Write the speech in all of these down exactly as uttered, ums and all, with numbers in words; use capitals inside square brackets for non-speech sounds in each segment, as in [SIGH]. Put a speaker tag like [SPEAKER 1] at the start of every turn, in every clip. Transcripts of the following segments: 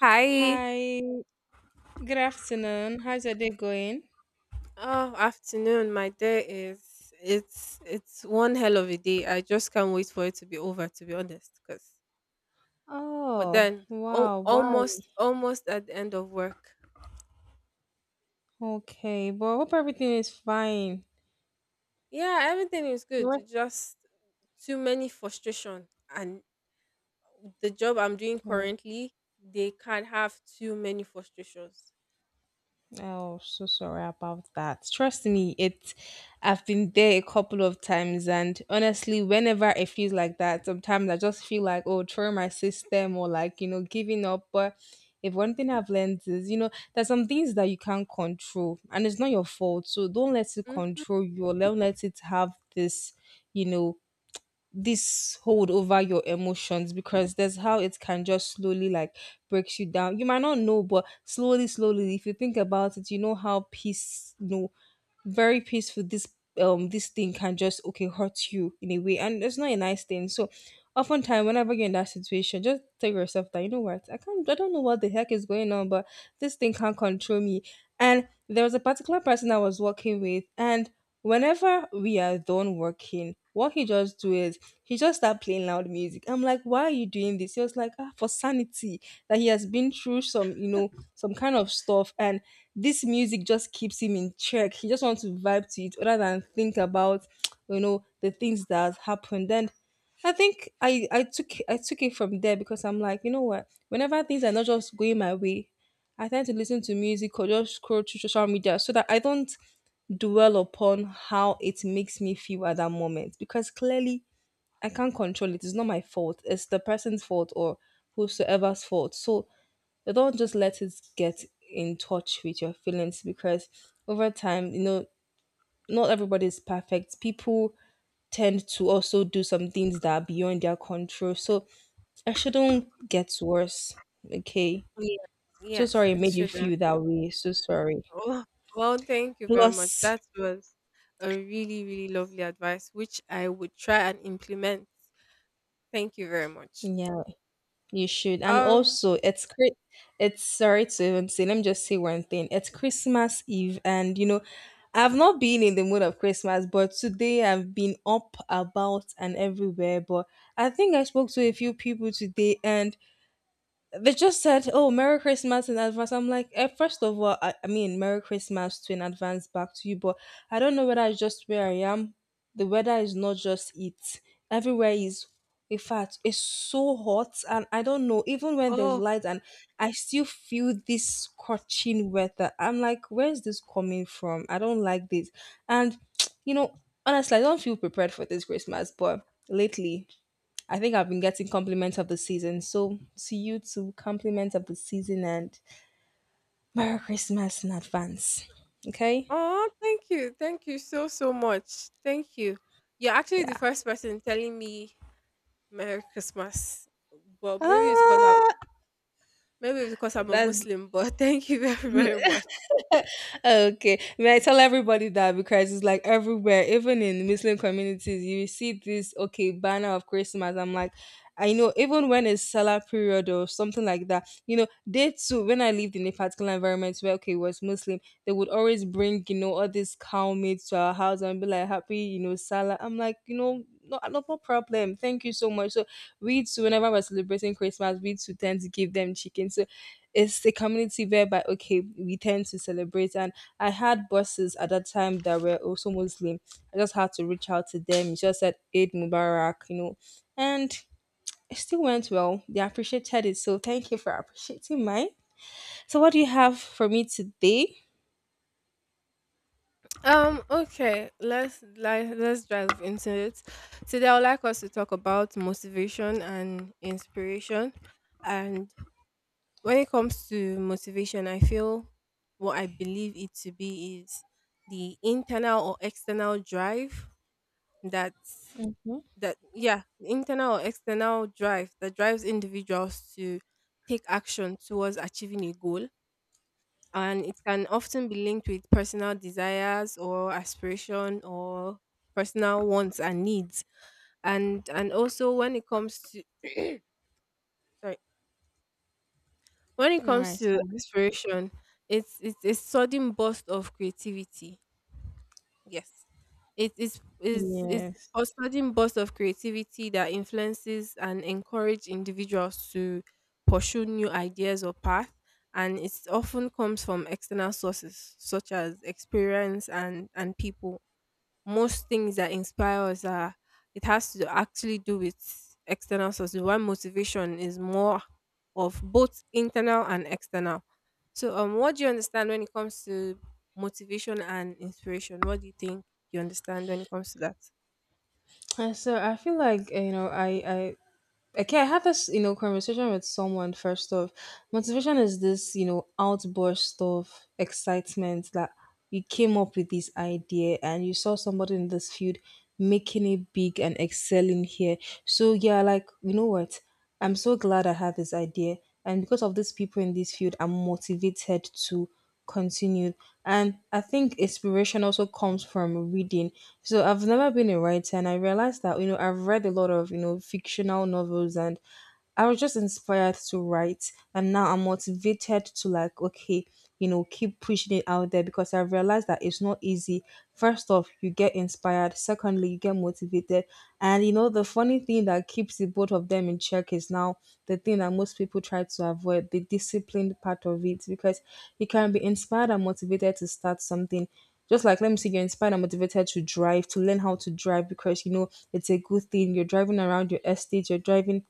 [SPEAKER 1] Hi.
[SPEAKER 2] Hi, good afternoon. How's your day going?
[SPEAKER 1] Oh, afternoon. My day is it's it's one hell of a day. I just can't wait for it to be over. To be honest, cause but
[SPEAKER 2] Oh,
[SPEAKER 1] then al-
[SPEAKER 2] wow, why?
[SPEAKER 1] almost almost at the end of work.
[SPEAKER 2] Okay, but hope everything is fine.
[SPEAKER 1] Yeah, everything is
[SPEAKER 2] What?
[SPEAKER 1] good. Just too many frustration, and the job I'm doing currently, they can't have too many frustrations.
[SPEAKER 2] Oh, so sorry about that. Trust me, it I've been there a couple of times and honestly, whenever it feels like that, sometimes I just feel like, oh, throwing my system or like, you know, giving up. But if one thing I've learned is, you know, there's some things that you can't control and it's not your fault. So don't let it
[SPEAKER 1] Mm?
[SPEAKER 2] control you or don't let it have this, you know, this hold over your emotions because there's how it can just slowly like breaks you down. You might not know, but slowly, slowly, if you think about it, you know how peace, you know, very peaceful this um this thing can just okay hurt you in a way, and it's not a nice thing. So oftentimes whenever you're in that situation, just tell yourself that you know what, I can't I don't know what the heck is going on, but this thing can't control me. And there was a particular person I was working with, and whenever we are done working, what he just do is he just start playing loud music. I'm like, why are you doing this? He was like, ah, for sanity. That he has been through some, you know, some kind of stuff, and this music just keeps him in check. He just wants to vibe to it rather than think about, you know, the things that happened. And I think I I took I took it from there because I'm like, you know what? Whenever things are not just going my way, I tend to listen to music or just scroll through social media so that I don't dwell upon how it makes me feel at that moment because clearly I can't control it. It's not my fault. It's the person's fault or whosoever's fault. So don't just let it get in touch with your feelings because over time, you know, not everybody is perfect. People tend to also do some things that are beyond their control. So I shouldn't get worse. Okay.
[SPEAKER 1] Yeah.
[SPEAKER 2] So
[SPEAKER 1] Yes,
[SPEAKER 2] sorry it
[SPEAKER 1] it
[SPEAKER 2] made you
[SPEAKER 1] should.
[SPEAKER 2] feel that way. So sorry.
[SPEAKER 1] Oh, well, thank you very much.
[SPEAKER 2] Plus,
[SPEAKER 1] That was a really, really lovely advice, which I would try and implement. Thank you very much.
[SPEAKER 2] yeah, you should. And
[SPEAKER 1] Um,
[SPEAKER 2] also, it's cri- it's sorry to even say, let me just say one thing. It's Christmas Eve, and you know, I've not been in the mood of Christmas, but today I've been up about and everywhere. But I think I spoke to a few people today, and they just said, "Oh, Merry Christmas in advance." I'm like, eh, first of all, I, I mean, Merry Christmas to in advance back to you, but I don't know whether it's just where I am. The weather is not just it. Everywhere is, in fact, it's so hot, and I don't know. Even when there's
[SPEAKER 1] oh,
[SPEAKER 2] light, and I still feel this scorching weather. I'm like, where is this coming from? I don't like this, and [TSK] you know, honestly, I don't feel prepared for this Christmas, but lately I think I've been getting compliments of the season. So to you too, compliments of the season and Merry Christmas in advance. Okay?
[SPEAKER 1] oh, thank you. Thank you so, so much. Thank you. You're actually the
[SPEAKER 2] Yeah.
[SPEAKER 1] first person telling me Merry Christmas. Well, maybe it's because I
[SPEAKER 2] Ah,
[SPEAKER 1] maybe it's because I'm a
[SPEAKER 2] that's
[SPEAKER 1] Muslim, but [LAUGHS] thank you very, very much.
[SPEAKER 2] okay. May I tell everybody that because it's like everywhere even in Muslim communities you see this okay banner of Christmas. I'm like, I know even when it's Salah period or something like that, you know, they too when I lived in a particular environment where okay it was Muslim, they would always bring, you know, all these cow meat to our house and be like happy, you know, Salah. I'm like, you know, no, no, no problem. Thank you so much. So we too, whenever we're celebrating Christmas, we too tend to give them chicken. So it's a community whereby okay we tend to celebrate and I had bosses at that time that were also Muslim. I just had to reach out to them, you just said Eid Mubarak, you know, and it still went well, they appreciated it. So thank you for appreciating mine. So what do you have for me today?
[SPEAKER 1] Um, okay, let's like let's dive into it. Today I would like us to talk about motivation and inspiration. And when it comes to motivation, I feel what I believe it to be is the internal or external drive that
[SPEAKER 2] Mhm. All
[SPEAKER 1] that yeah, the internal or external drive that drives individuals to take action towards achieving a goal, and it can often be linked with personal desires or aspiration or personal wants and needs. And and also when it comes to sorry, when it comes
[SPEAKER 2] right,
[SPEAKER 1] to
[SPEAKER 2] fine,
[SPEAKER 1] aspiration, it's it's a sudden burst of creativity. Yes. It is is is
[SPEAKER 2] yes.
[SPEAKER 1] a sudden burst of creativity that influences and encourage individuals to pursue new ideas or paths, and it often comes from external sources such as experience and and people. Most things that inspire us are, it has to actually do with external sources. Why motivation is more of both internal and external. So, um, what do you understand when it comes to motivation and inspiration? What do you think you understand when it comes to that?
[SPEAKER 2] And so I feel like, you know, i i okay I had this, you know, conversation with someone. First off, motivation is this, you know, outburst of excitement that you came up with this idea and you saw somebody in this field making it big and excelling here. So yeah, like, you know what, I'm so glad I had this idea, and because of these people in this field I'm motivated to continued. And I think inspiration also comes from reading. So I've never been a writer, and I realized that you know I've read a lot of you know fictional novels and I was just inspired to write and now I'm motivated to like okay, you know, keep pushing it out there because I've realized that it's not easy. First off, you get inspired, secondly, you get motivated. And you know, the funny thing that keeps the both of them in check is now the thing that most people try to avoid, the disciplined part of it, because you can be inspired and motivated to start something. Just like let me see, you're inspired and motivated to drive, to learn how to drive, because you know it's a good thing, you're driving around your estate, you're driving,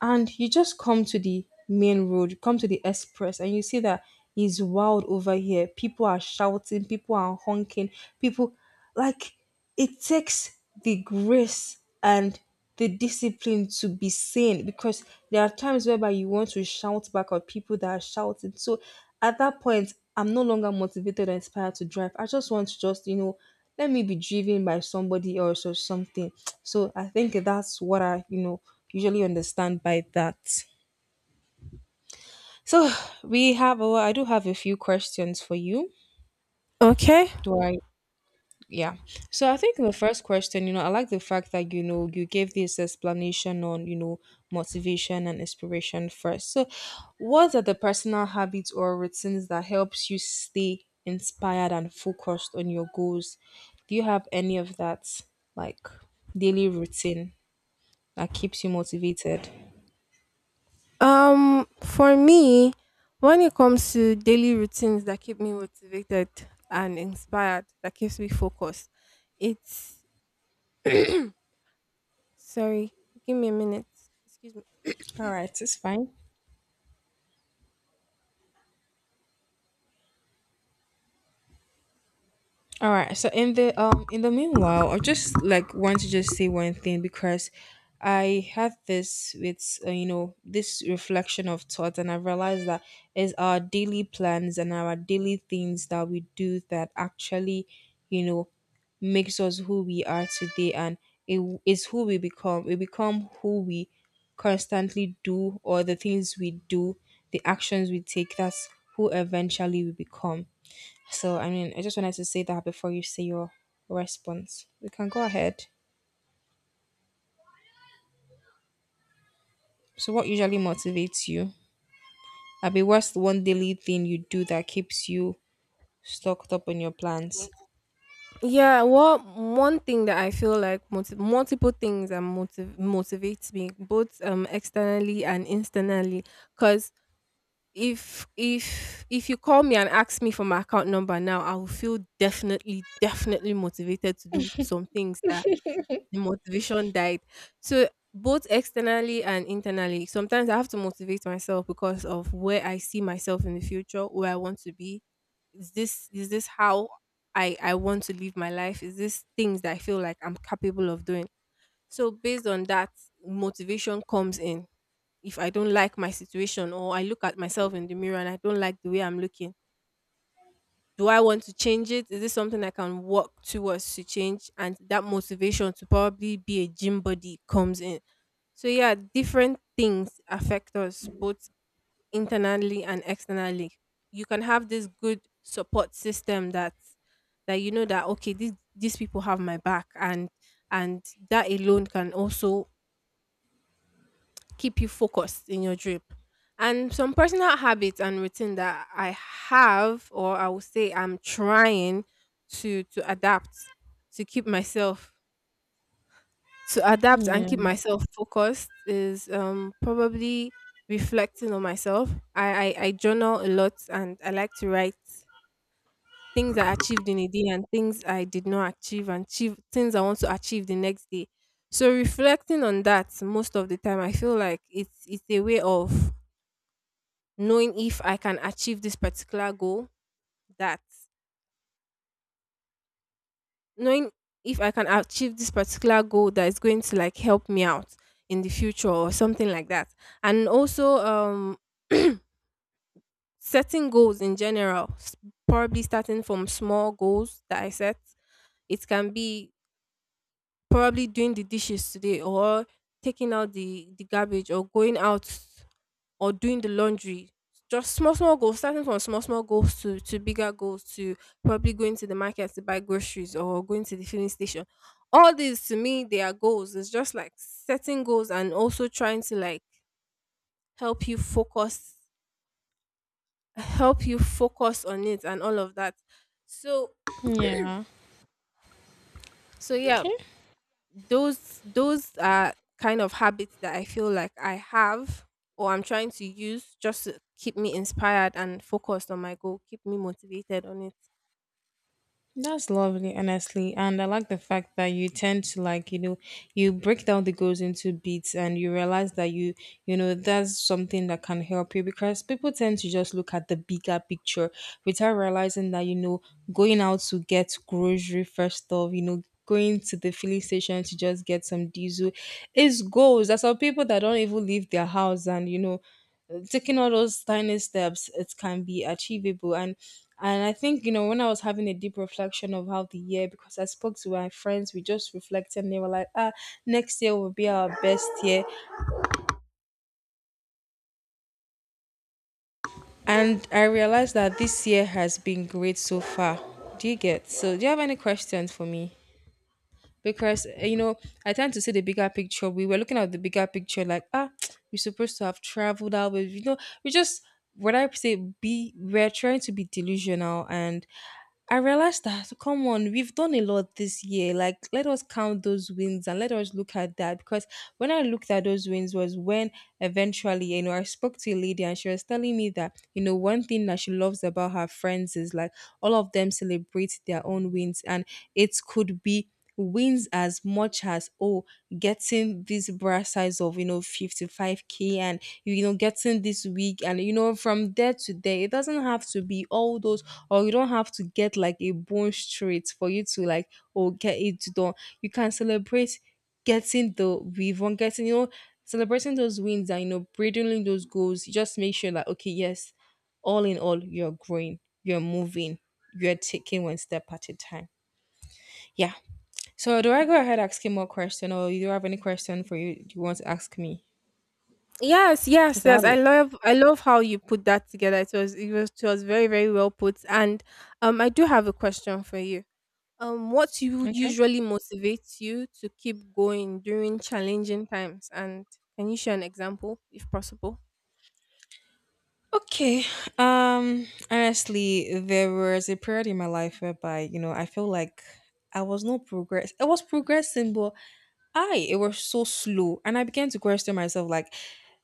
[SPEAKER 2] and you just come to the main road, you come to the express, and you see that it's wild over here. People are shouting, people are honking, people like it takes the grace and the discipline to be sane because there are times whereby you want to shout back at people that are shouting. So at that point, I'm no longer motivated or inspired to drive. I just want to just, you know, let me be driven by somebody else or something. So I think that's what I, you know, usually understand by that. So we have, oh, I do have a few questions for you.
[SPEAKER 1] Okay.
[SPEAKER 2] Do I Yeah. So I think the first question, you know, I like the fact that, you know, you gave this explanation on, you know, motivation and inspiration first. So what are the personal habits or routines that helps you stay inspired and focused on your goals? Do you have any of that like daily routine that keeps you motivated?
[SPEAKER 1] Um, for me, when it comes to daily routines that keep me motivated and inspired, that keeps me focused, it's [CLEARS THROAT] sorry, give me a minute. Excuse me.
[SPEAKER 2] All right, it's fine. All right. So in the um in the meanwhile, I just like want to just say one thing because I had this with uh, you know this reflection of thought, and I realized that it's our daily plans and our daily things that we do that actually you know makes us who we are today, and it is who we become. We become who we constantly do, or the things we do, the actions we take. That's who eventually we become. So, I mean, I just wanted to say that before you say your response. We can go ahead. So, what usually motivates you? I be what's the one daily thing you do that keeps you stocked up on your plans?
[SPEAKER 1] [CLEARS THROAT] Yeah, well, one thing that I feel like multi- multiple things that motiv- motivates me, both um externally and internally, cuz if if if you call me and ask me for my account number now, I will feel definitely definitely motivated to do some things that the motivation died. So both externally and internally, sometimes I have to motivate myself because of where I see myself in the future, where I want to be, is this is this how i i want to live my life, is this things that I feel like I'm capable of doing. So based on that, motivation comes in. If I don't like my situation or I look at myself in the mirror and I don't like the way I'm looking, do I want to change it, is this something I can work towards to change? And that motivation to probably be a gym body comes in. So yeah, different things affect us both internally and externally. You can have this good support system that that you know that okay, these these people have my back, and and that alone can also keep you focused in your drip. And some personal habits and routine that I have, or I would say I'm trying to to adapt to keep myself to adapt and
[SPEAKER 2] Yeah.
[SPEAKER 1] keep myself focused is um probably reflecting on myself. I, I I journal a lot, and I like to write things I achieved in a day and things I did not achieve and achieve things I want to achieve the next day. So reflecting on that most of the time, I feel like it's it's a way of knowing if I can achieve this particular goal that knowing if I can achieve this particular goal that is going to like help me out in the future or something like that. And also um [CLEARS THROAT] setting goals in general, s- probably starting from small goals that I set. It can be probably doing the dishes today or taking out the the garbage or going out or doing the laundry. Just small, small goals, starting from small, small goals to, to bigger goals, to probably going to the market to buy groceries or going to the filling station. All these to me, they are goals. It's just like setting goals and also trying to like help you focus, help you focus on it and all of that. So,
[SPEAKER 2] Yeah.
[SPEAKER 1] so yeah,
[SPEAKER 2] Okay.
[SPEAKER 1] those, those are kind of habits that I feel like I have or I'm trying to use just to keep me inspired and focused on my goal, keep me motivated on it.
[SPEAKER 2] That's lovely, honestly. And I like the fact that you tend to like, you know, you break down the goals into beats and you realize that you, you know, that's something that can help you because people tend to just look at the bigger picture without realizing that, you know, going out to get grocery first off, you know, going to the filling station to just get some diesel is goals. There's some people that don't even leave their house and, you know, taking all those tiny steps it can be achievable. and and I think, you know, when I was having a deep reflection of how the year, because I spoke to my friends, we just reflected and they were like ah next year will be our best year. And I realized that this year has been great so far. Do you get, so do you have any questions for me? Because eh, you know, I tend to see the bigger picture. We were looking at the bigger picture, like ah, [TSK] we're supposed to have traveled out with you know we just what I say be we're trying to be delusional. And I realized that come on, we've done a lot this year. Like let us count those wins and let us look at that. Because when I looked at those wins was when eventually, you know, I spoke to a lady and she was telling me that, you know, one thing that she loves about her friends is like all of them celebrate their own wins. And it could be wins as much as, oh, getting this bra size of you know fifty-five k, and you know getting this wig, and you know from there to there. It doesn't have to be all those, or you don't have to get like a bone straight for you to like, oh, get it done. You can celebrate getting the weave on, getting you know celebrating those wins and you know bridging those goals. Just make sure that, okay, yes, all in all, you're growing, you're moving, you're taking one step at a time. Yeah. So do I go ahead asking more question, or you do have any question for you you want to ask me?
[SPEAKER 1] Yes, yes,
[SPEAKER 2] Because I have
[SPEAKER 1] yes. I
[SPEAKER 2] it.
[SPEAKER 1] love I love how you put that together. It was it was it was very, very well put. And um I do have a question for you. Um what you
[SPEAKER 2] Okay.
[SPEAKER 1] usually motivates you to keep going during challenging times? And can you share an example if possible?
[SPEAKER 2] Okay. Um. Honestly, there was a period in my life whereby you know I feel like I was no progress. I was progressing, but I it was so slow, and I began to question myself. Like,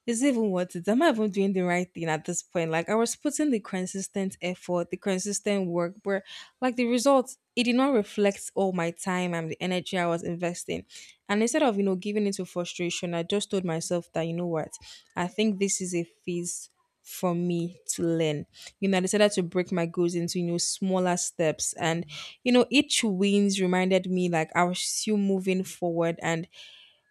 [SPEAKER 2] it's even worth it. Am I even doing the right thing at this point? Like, I was putting the consistent effort, the consistent work, but like the results, it did not reflect all my time and the energy I was investing. And instead of, you know, giving into frustration, I just told myself that, you know what, I think this is a phase for me to learn. You know, I decided to break my goals into, you know, smaller steps. And, you know, each wins reminded me like I was still moving forward, and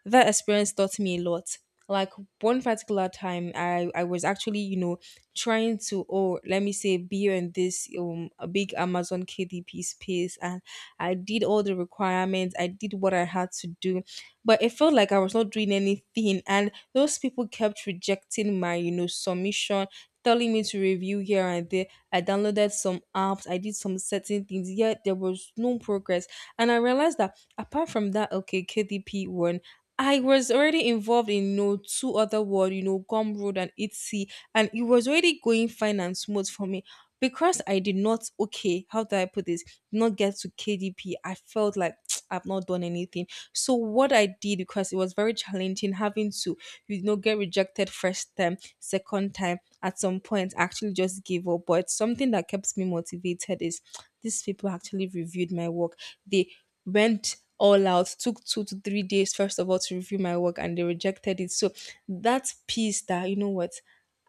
[SPEAKER 2] that experience taught me a lot. Like one particular time, I I was actually you know trying to, oh, let me say, be in this um a big Amazon K D P space, and I did all the requirements. I did what I had to do, but it felt like I was not doing anything, and those people kept rejecting my you know submission. Telling me to review here and there. I downloaded some apps. I did some certain things. Yet there was no progress, and I realized that apart from that, okay, K D P one. I was already involved in you know, two other world, you know, Gum Road and Etsy, and it was already going fine and smooth for me. Because I did not, okay, how do I put this? Did not get to K D P. I felt like [TSK] I've not done anything. So what I did, because it was very challenging having to, you know, get rejected first time, second time, at some point, I actually just gave up. But something that kept me motivated is [TSK] these people actually reviewed my work. They went all out, took two to three days first of all to review my work, and they rejected it. So that piece that, you know what,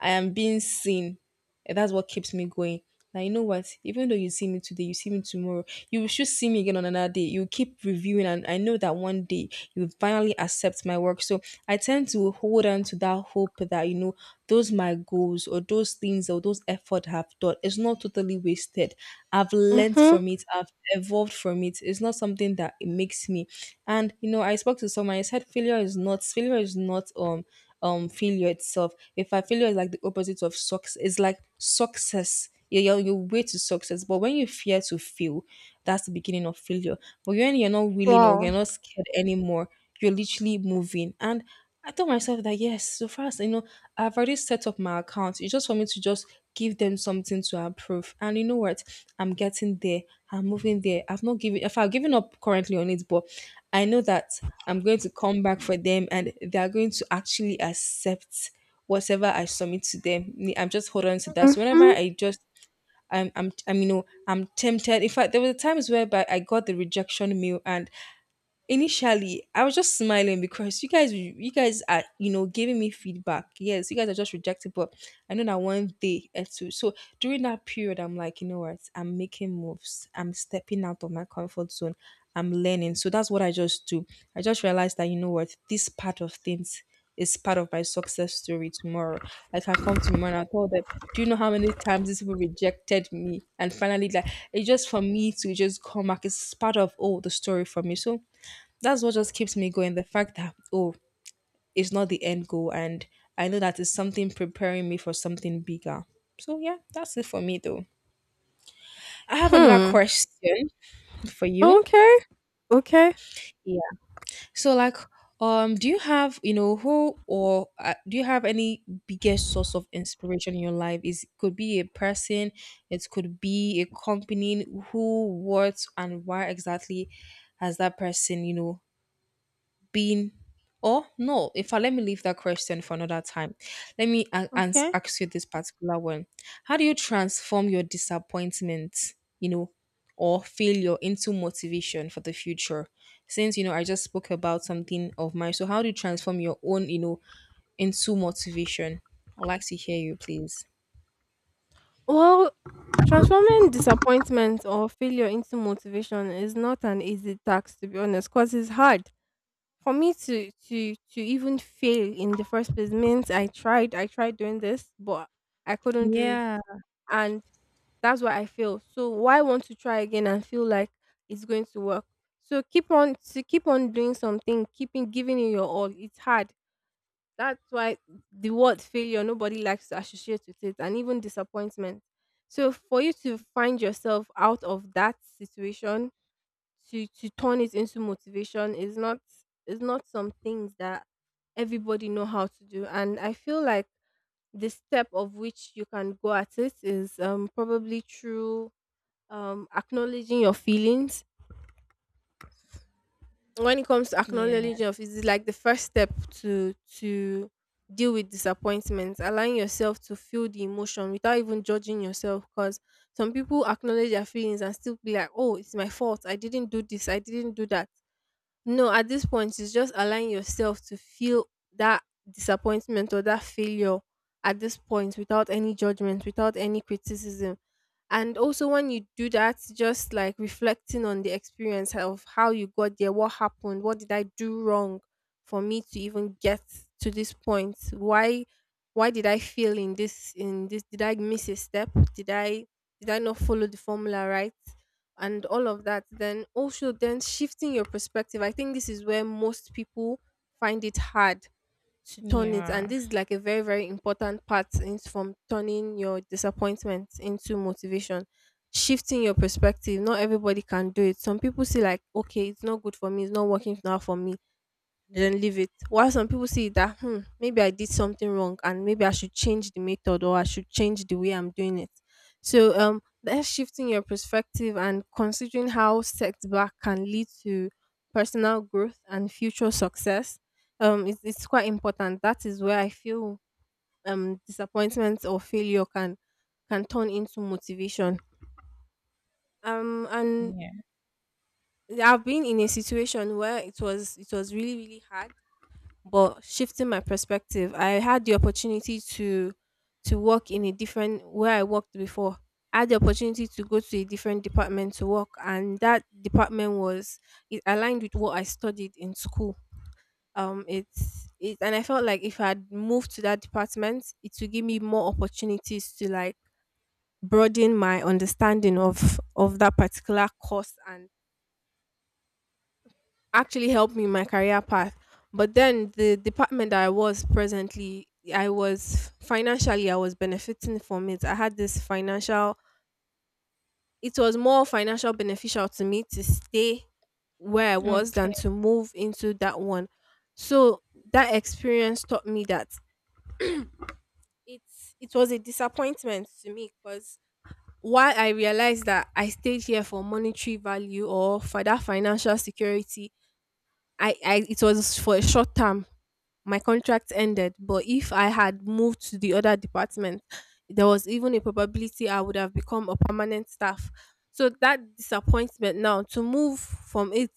[SPEAKER 2] I am being seen, and that's what keeps me going. Now you know what? Even though you see me today, you see me tomorrow, you should see me again on another day. You keep reviewing, and I know that one day you'll finally accept my work. So I tend to hold on to that hope that you know those my goals or those things or those effort I have done, it's not totally wasted. I've learned
[SPEAKER 1] Mm-hmm.
[SPEAKER 2] from it. I've evolved from it. It's not something that it makes me. And you know, I spoke to someone. I said failure is not, failure is not um um failure itself. If I, failure is like the opposite of success, it's like success. You're, you're, you're way to success. But when you fear to fail, that's the beginning of failure. But when you're not willing or
[SPEAKER 1] Wow.
[SPEAKER 2] you're not scared anymore, you're literally moving. And I told myself that yes, so fast, you know, I've already set up my account. It's just for me to just give them something to approve. And you know what? I'm getting there. I'm moving there. I've not given, if I've given up currently on it, but I know that I'm going to come back for them, and they are going to actually accept whatever I submit to them. Me- I'm just holding on to that. So whenever
[SPEAKER 1] Mm-hmm.
[SPEAKER 2] I just, I'm I'm I'm you know I'm tempted. In fact, there were times whereby I got the rejection mail, and initially I was just smiling because you guys you guys are you know giving me feedback. Yes, you guys are just rejecting, but I know that one day or two. So during that period, I'm like, you know what, I'm making moves. I'm stepping out of my comfort zone. I'm learning. So that's what I just do. I just realized that, you know what, this part of things is part of my success story tomorrow. I can come tomorrow and I tell them, do you know how many times these people rejected me? And finally, like, it's just for me to just come back. It's part of all the story for me. So that's what just keeps me going. The fact that, oh, it's not the end goal, and I know that it's something preparing me for something bigger. So yeah, that's it for me though. I have another
[SPEAKER 1] Hmm.
[SPEAKER 2] question for you.
[SPEAKER 1] Okay. Okay.
[SPEAKER 2] Yeah. So like, um, do you have you know who or uh, do you have any biggest source of inspiration in your life? Is, could be a person, it could be a company. Who, what, and why exactly has that person you know been, or no, if I, let me leave that question for another time. Let me a- ans-
[SPEAKER 1] Okay.
[SPEAKER 2] ask you this particular one. How do you transform your disappointment, you know, or failure into motivation for the future? Since, you know, I just spoke about something of mine. So how do you transform your own, you know, into motivation? I'd like to hear you, please.
[SPEAKER 1] Well, transforming disappointment or failure into motivation is not an easy task, to be honest, because it's hard. For me to to to even fail in the first place means I tried I tried doing this but I couldn't do it,
[SPEAKER 2] Yeah,
[SPEAKER 1] and that's why I failed. So why want to try again and feel like it's going to work? So keep on to keep on doing something, keeping giving it your all. It's hard. That's why the word failure nobody likes to associate with it, and even disappointment. So for you to find yourself out of that situation to to turn it into motivation is not is not some things that everybody know how to do. And I feel like the step of which you can go at it is, um, probably through um, acknowledging your feelings. When it comes to
[SPEAKER 2] yeah,
[SPEAKER 1] acknowledging your feelings, it's like the first step to to deal with disappointment, allowing yourself to feel the emotion without even judging yourself, because some people acknowledge their feelings and still be like, oh, it's my fault, I didn't do this, I didn't do that. No, at this point, it's just allowing yourself to feel that disappointment or that failure at this point without any judgment, without any criticism. And also, when you do that, just like reflecting on the experience of how you got there, what happened, what did I do wrong for me to even get to this point? Why, why did I fail in this? In this, did I miss a step? Did I, did I not follow the formula right? And all of that, then also then shifting your perspective. I think this is where most people find it hard to turn it, and
[SPEAKER 2] yeah,
[SPEAKER 1] this is like a very, very important part in from turning your disappointment into motivation. Shifting your perspective, not everybody can do it. Some people see like, okay, it's not good for me, it's not working now for me, they then leave it. While some people see that, hmm, maybe I did something wrong and maybe I should change the method or I should change the way I'm doing it. So, um, that's shifting your perspective and considering how setback can lead to personal growth and future success. Um, it's, it's quite important. That is where I feel um disappointment or failure can can turn into motivation. Um, and
[SPEAKER 2] yeah.
[SPEAKER 1] I've been in a situation where it was it was really, really hard, but shifting my perspective, I had the opportunity to to work in a different where I worked before, I had the opportunity to go to a different department to work, and that department was it aligned with what I studied in school. Um it's it and I felt like if I had moved to that department, it would give me more opportunities to like broaden my understanding of of that particular course and actually helped me in my career path. But then the department that I was presently, I was financially I was benefiting from it. I had this financial, it was more financial beneficial to me to stay where I was
[SPEAKER 2] Okay,
[SPEAKER 1] than to move into that one. So that experience taught me that it's it was a disappointment to me, because while I realized that I stayed here for monetary value or for that financial security, I, I it was for a short term. My contract ended, but if I had moved to the other department, there was even a probability I would have become a permanent staff. So that disappointment now to move from it,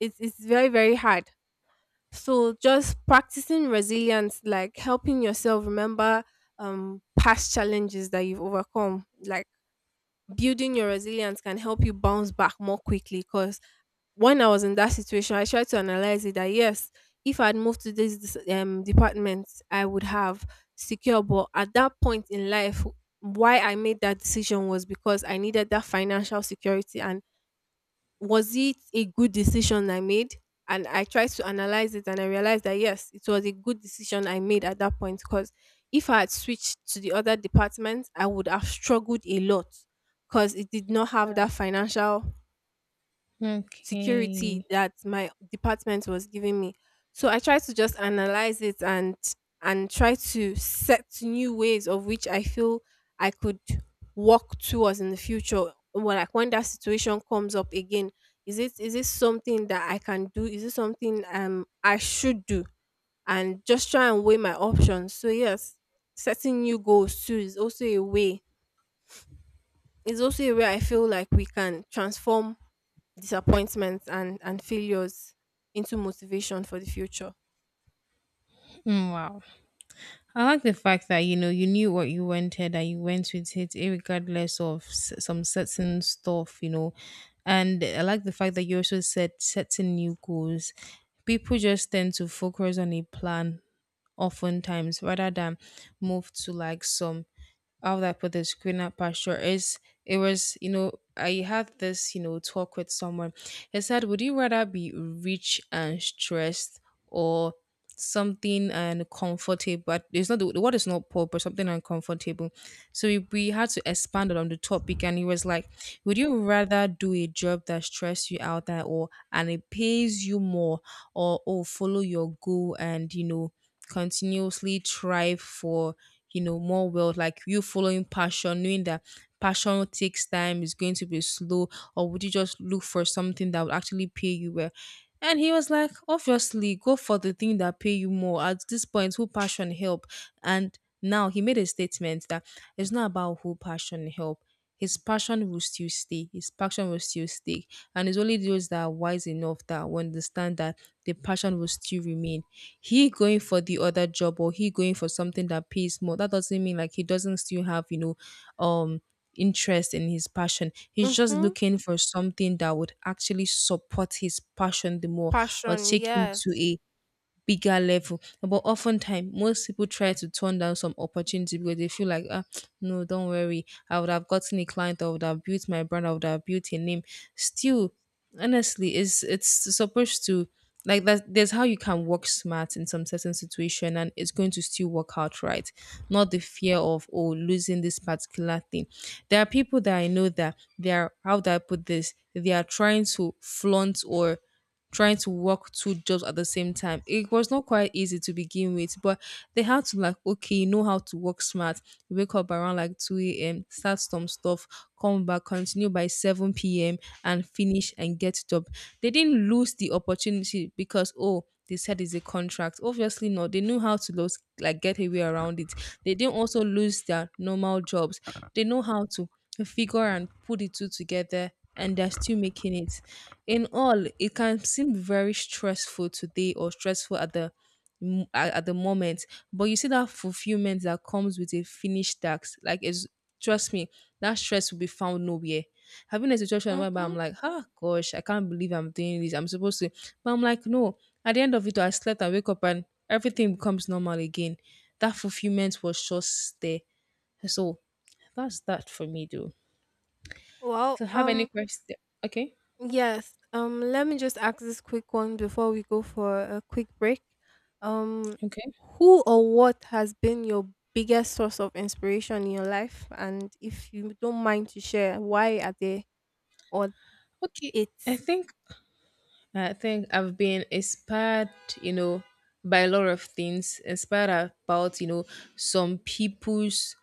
[SPEAKER 1] it it's very, very hard. So just practicing resilience, like helping yourself remember um past challenges that you've overcome, like building your resilience can help you bounce back more quickly, because when I was in that situation, I tried to analyze it that yes, if I had moved to this dis- um, department, I would have secured. But at that point in life, why I made that decision was because I needed that financial security. And was it a good decision I made? And I tried to analyze it and I realized that yes, it was a good decision I made at that point, because if I had switched to the other department, I would have struggled a lot because it did not have that financial security
[SPEAKER 2] okay.
[SPEAKER 1] that my department was giving me. So I tried to just analyze it and and try to set new ways of which I feel I could walk towards in the future. Well, like when that situation comes up again, is it is this something that I can do? Is it something um I should do? And just try and weigh my options. So yes, setting new goals too is also a way. It's also a way I feel like we can transform disappointments and and failures into motivation for the future.
[SPEAKER 2] Mm, wow. I like the fact that you know you knew what you wanted and you went with it, regardless of s- some certain stuff, you know. And I like the fact that you also set setting new goals. People just tend to focus on a plan oftentimes rather than move to like some, how would I put this, greener pasture. Is, it was, you know, I had this, you know, talk with someone. He said, would you rather be rich and stressed, or something and comfortable? But it's not the, the word is not poor, but something uncomfortable. So we, we had to expand on the topic, and he was like, would you rather do a job that stress you out and, or and it pays you more, or or follow your goal and you know continuously thrive for you know more? Well, like you following passion, knowing that passion takes time, is going to be slow, or would you just look for something that would actually pay you well? And he was like, obviously go for the thing that pay you more. At this point, who passion help? And now he made a statement that it's not about who passion help. His passion will still stay. His passion will still stay. And it's only those that are wise enough that will understand that the passion will still remain. He going for the other job, or he going for something that pays more, that doesn't mean like he doesn't still have, you know, um interest in his passion. He's just
[SPEAKER 1] Mhm.
[SPEAKER 2] looking for something that would actually support his passion the more, or
[SPEAKER 1] Passion,
[SPEAKER 2] take him to
[SPEAKER 1] yes.
[SPEAKER 2] a bigger level. But oftentimes, most people try to turn down some opportunity because they feel like, ah, no, don't worry, I would have gotten a client, I would have built my brand, I would have built a name. Still, honestly, it's it's supposed to, like, that there's how you can work smart in some certain situation and it's going to still work out right. Not the fear of, oh, losing this particular thing. There are people that I know that they are, how do I put this, they are trying to flaunt or trying to work two jobs at the same time. It was not quite easy to begin with, but they had to like, okay, you know how to work smart. You wake up around like two a m, start some stuff, come back, continue by seven p m and finish and get job. They didn't lose the opportunity because, oh, they said it's a contract. Obviously not. They knew how to lose, like get a way around it. They didn't also lose their normal jobs. They know how to figure and put the two together, and they're still making it. In all, it can seem very stressful today or stressful at the m- at at the moment, but you see that fulfillment that comes with a finished task. Like, it's, trust me, that stress will be found nowhere. Having a situation where I'm
[SPEAKER 1] Mhm.
[SPEAKER 2] like, ah, gosh, I can't believe I'm doing this. I'm supposed to, but I'm like, no. At the end of it, I slept, I wake up, and everything becomes normal again. That fulfillment was just there. So that's that for me, though.
[SPEAKER 1] Well,
[SPEAKER 2] So have any
[SPEAKER 1] um
[SPEAKER 2] question? Okay,
[SPEAKER 1] yes. Um let me just ask this quick one before we go for a quick break. Um
[SPEAKER 2] okay,
[SPEAKER 1] who or what has been your biggest source of inspiration in your life, and if you don't mind to share, why are they or
[SPEAKER 2] okay. I
[SPEAKER 1] it's?
[SPEAKER 2] think I think I've been inspired, you know, by a lot of things. Inspired about, you know, some people's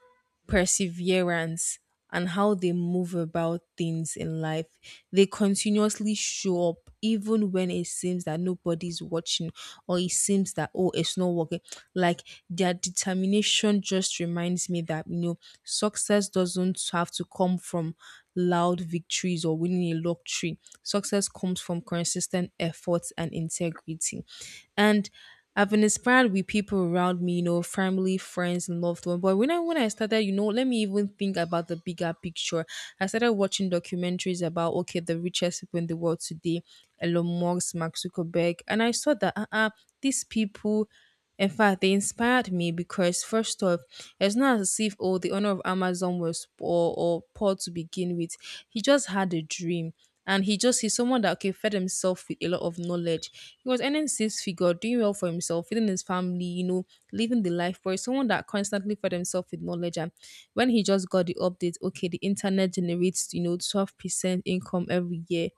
[SPEAKER 2] perseverance, and how they move about things in life. They continuously show up even when it seems that nobody's watching or it seems that oh it's not working. Like their determination just reminds me that you know success doesn't have to come from loud victories or winning a lottery. Success comes from consistent efforts and integrity. And I've been inspired with people around me, you know, family, friends, and loved one. But when I when I started, you know, let me even think about the bigger picture. I started watching documentaries about okay, the richest people in the world today, Elon Musk, Mark Zuckerberg, and I saw that uh-uh, these people in fact, they inspired me because, first off, it's not as if oh the owner of Amazon was poor or poor to begin with. He just had a dream, and he just he's someone that okay fed himself with a lot of knowledge. He was earning six figure, doing well for himself, feeding his family, you know, living the life. But he's someone that constantly fed himself with knowledge, and when he just got the update, okay, the internet generates you know twelve percent income every year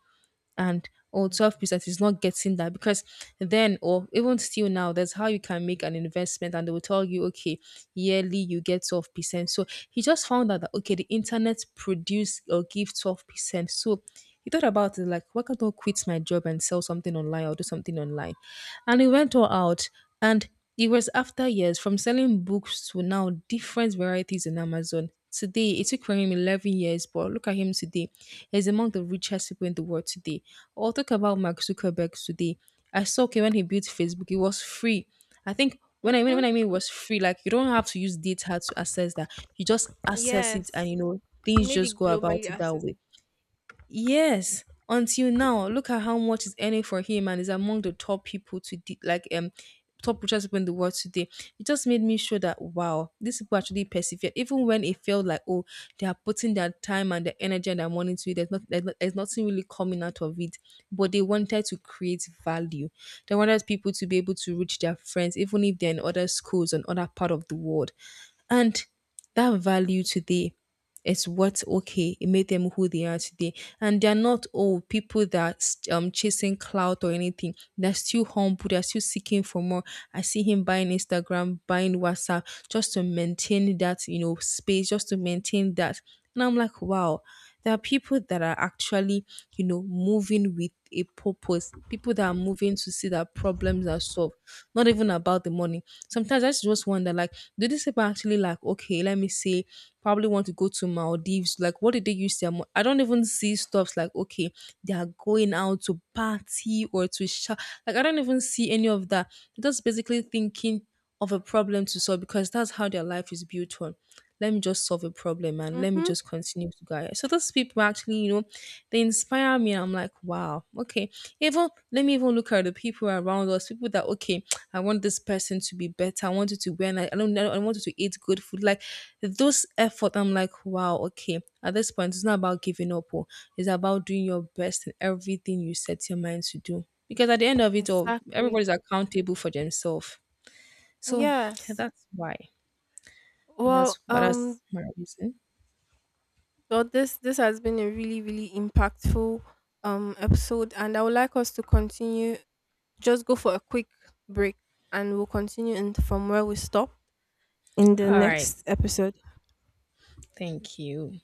[SPEAKER 2] and or twelve percent is not getting that because then or even still now that's how you can make an investment and they will tell you okay yearly you get twelve percent. So he just found out that okay the internet produce or give twelve percent. So he thought about it like, why can't I quit my job and sell something online or do something online? And he went all out and it was after years from selling books to now different varieties on Amazon. Today, it took him eleven years, but look at him today. He's among the richest people in the world today. Or talk about Mark Zuckerberg today. I saw okay, when he built Facebook, it was free. I think when I mean when
[SPEAKER 1] Mhm.
[SPEAKER 2] I mean it was free, like you don't have to use data to access that. You just access it and
[SPEAKER 1] Yes.
[SPEAKER 2] you know
[SPEAKER 1] You
[SPEAKER 2] things
[SPEAKER 1] made
[SPEAKER 2] just
[SPEAKER 1] it
[SPEAKER 2] go about
[SPEAKER 1] globally
[SPEAKER 2] it that way.
[SPEAKER 1] accessible.
[SPEAKER 2] Yes, until now, look at how much is earning for him and is among the top people to de- like um top richest people in the world today. It just made me sure that wow, these people actually persevere even when it felt like oh they are putting their time and their energy and their money to it. There's not there's, not, there's nothing really coming out of it, but they wanted to create value. They wanted people to be able to reach their friends even if they're in other schools and other part of the world, and that value today it's what's okay. It made them who they are today. And they're not all people that um chasing clout or anything. They're still humble. They're still seeking for more. I see him buying Instagram, buying WhatsApp, just to maintain that, you know, space, just to maintain that. And I'm like, wow, there are people that are actually, you know, moving with a purpose. People that are moving to see that problems are solved. Not even about the money. Sometimes I just wonder, like, do these people actually like, okay, let me see probably want to go to Maldives. Like, what did they use their? Mo- I don't even see stuffs like okay, they are going out to party or to show. Like, I don't even see any of that. They're just basically thinking of a problem to solve because that's how their life is built on. Let me just solve a problem and let me
[SPEAKER 1] Mhm.
[SPEAKER 2] just continue to guide. So those people actually, you know, they inspire me. I'm like, wow, okay. Even let me even look at the people around us, people that okay, I want this person to be better. I want you to wear. Nice, I don't. I want you to eat good food. Like those effort. I'm like, wow, okay. At this point, it's not about giving up. Oh, it's about doing your best in everything you set your mind to do. Because at the end of it all,
[SPEAKER 1] Exactly.
[SPEAKER 2] everybody's accountable for themselves. So
[SPEAKER 1] Yes.
[SPEAKER 2] that's why. And that's
[SPEAKER 1] Well,
[SPEAKER 2] but
[SPEAKER 1] um,
[SPEAKER 2] that's my reason.
[SPEAKER 1] well, this this has been a really, really impactful um episode, and I would like us to continue. Just go for a quick break, and we'll continue in from where we stop in the
[SPEAKER 2] All right.
[SPEAKER 1] next episode.
[SPEAKER 2] Thank you.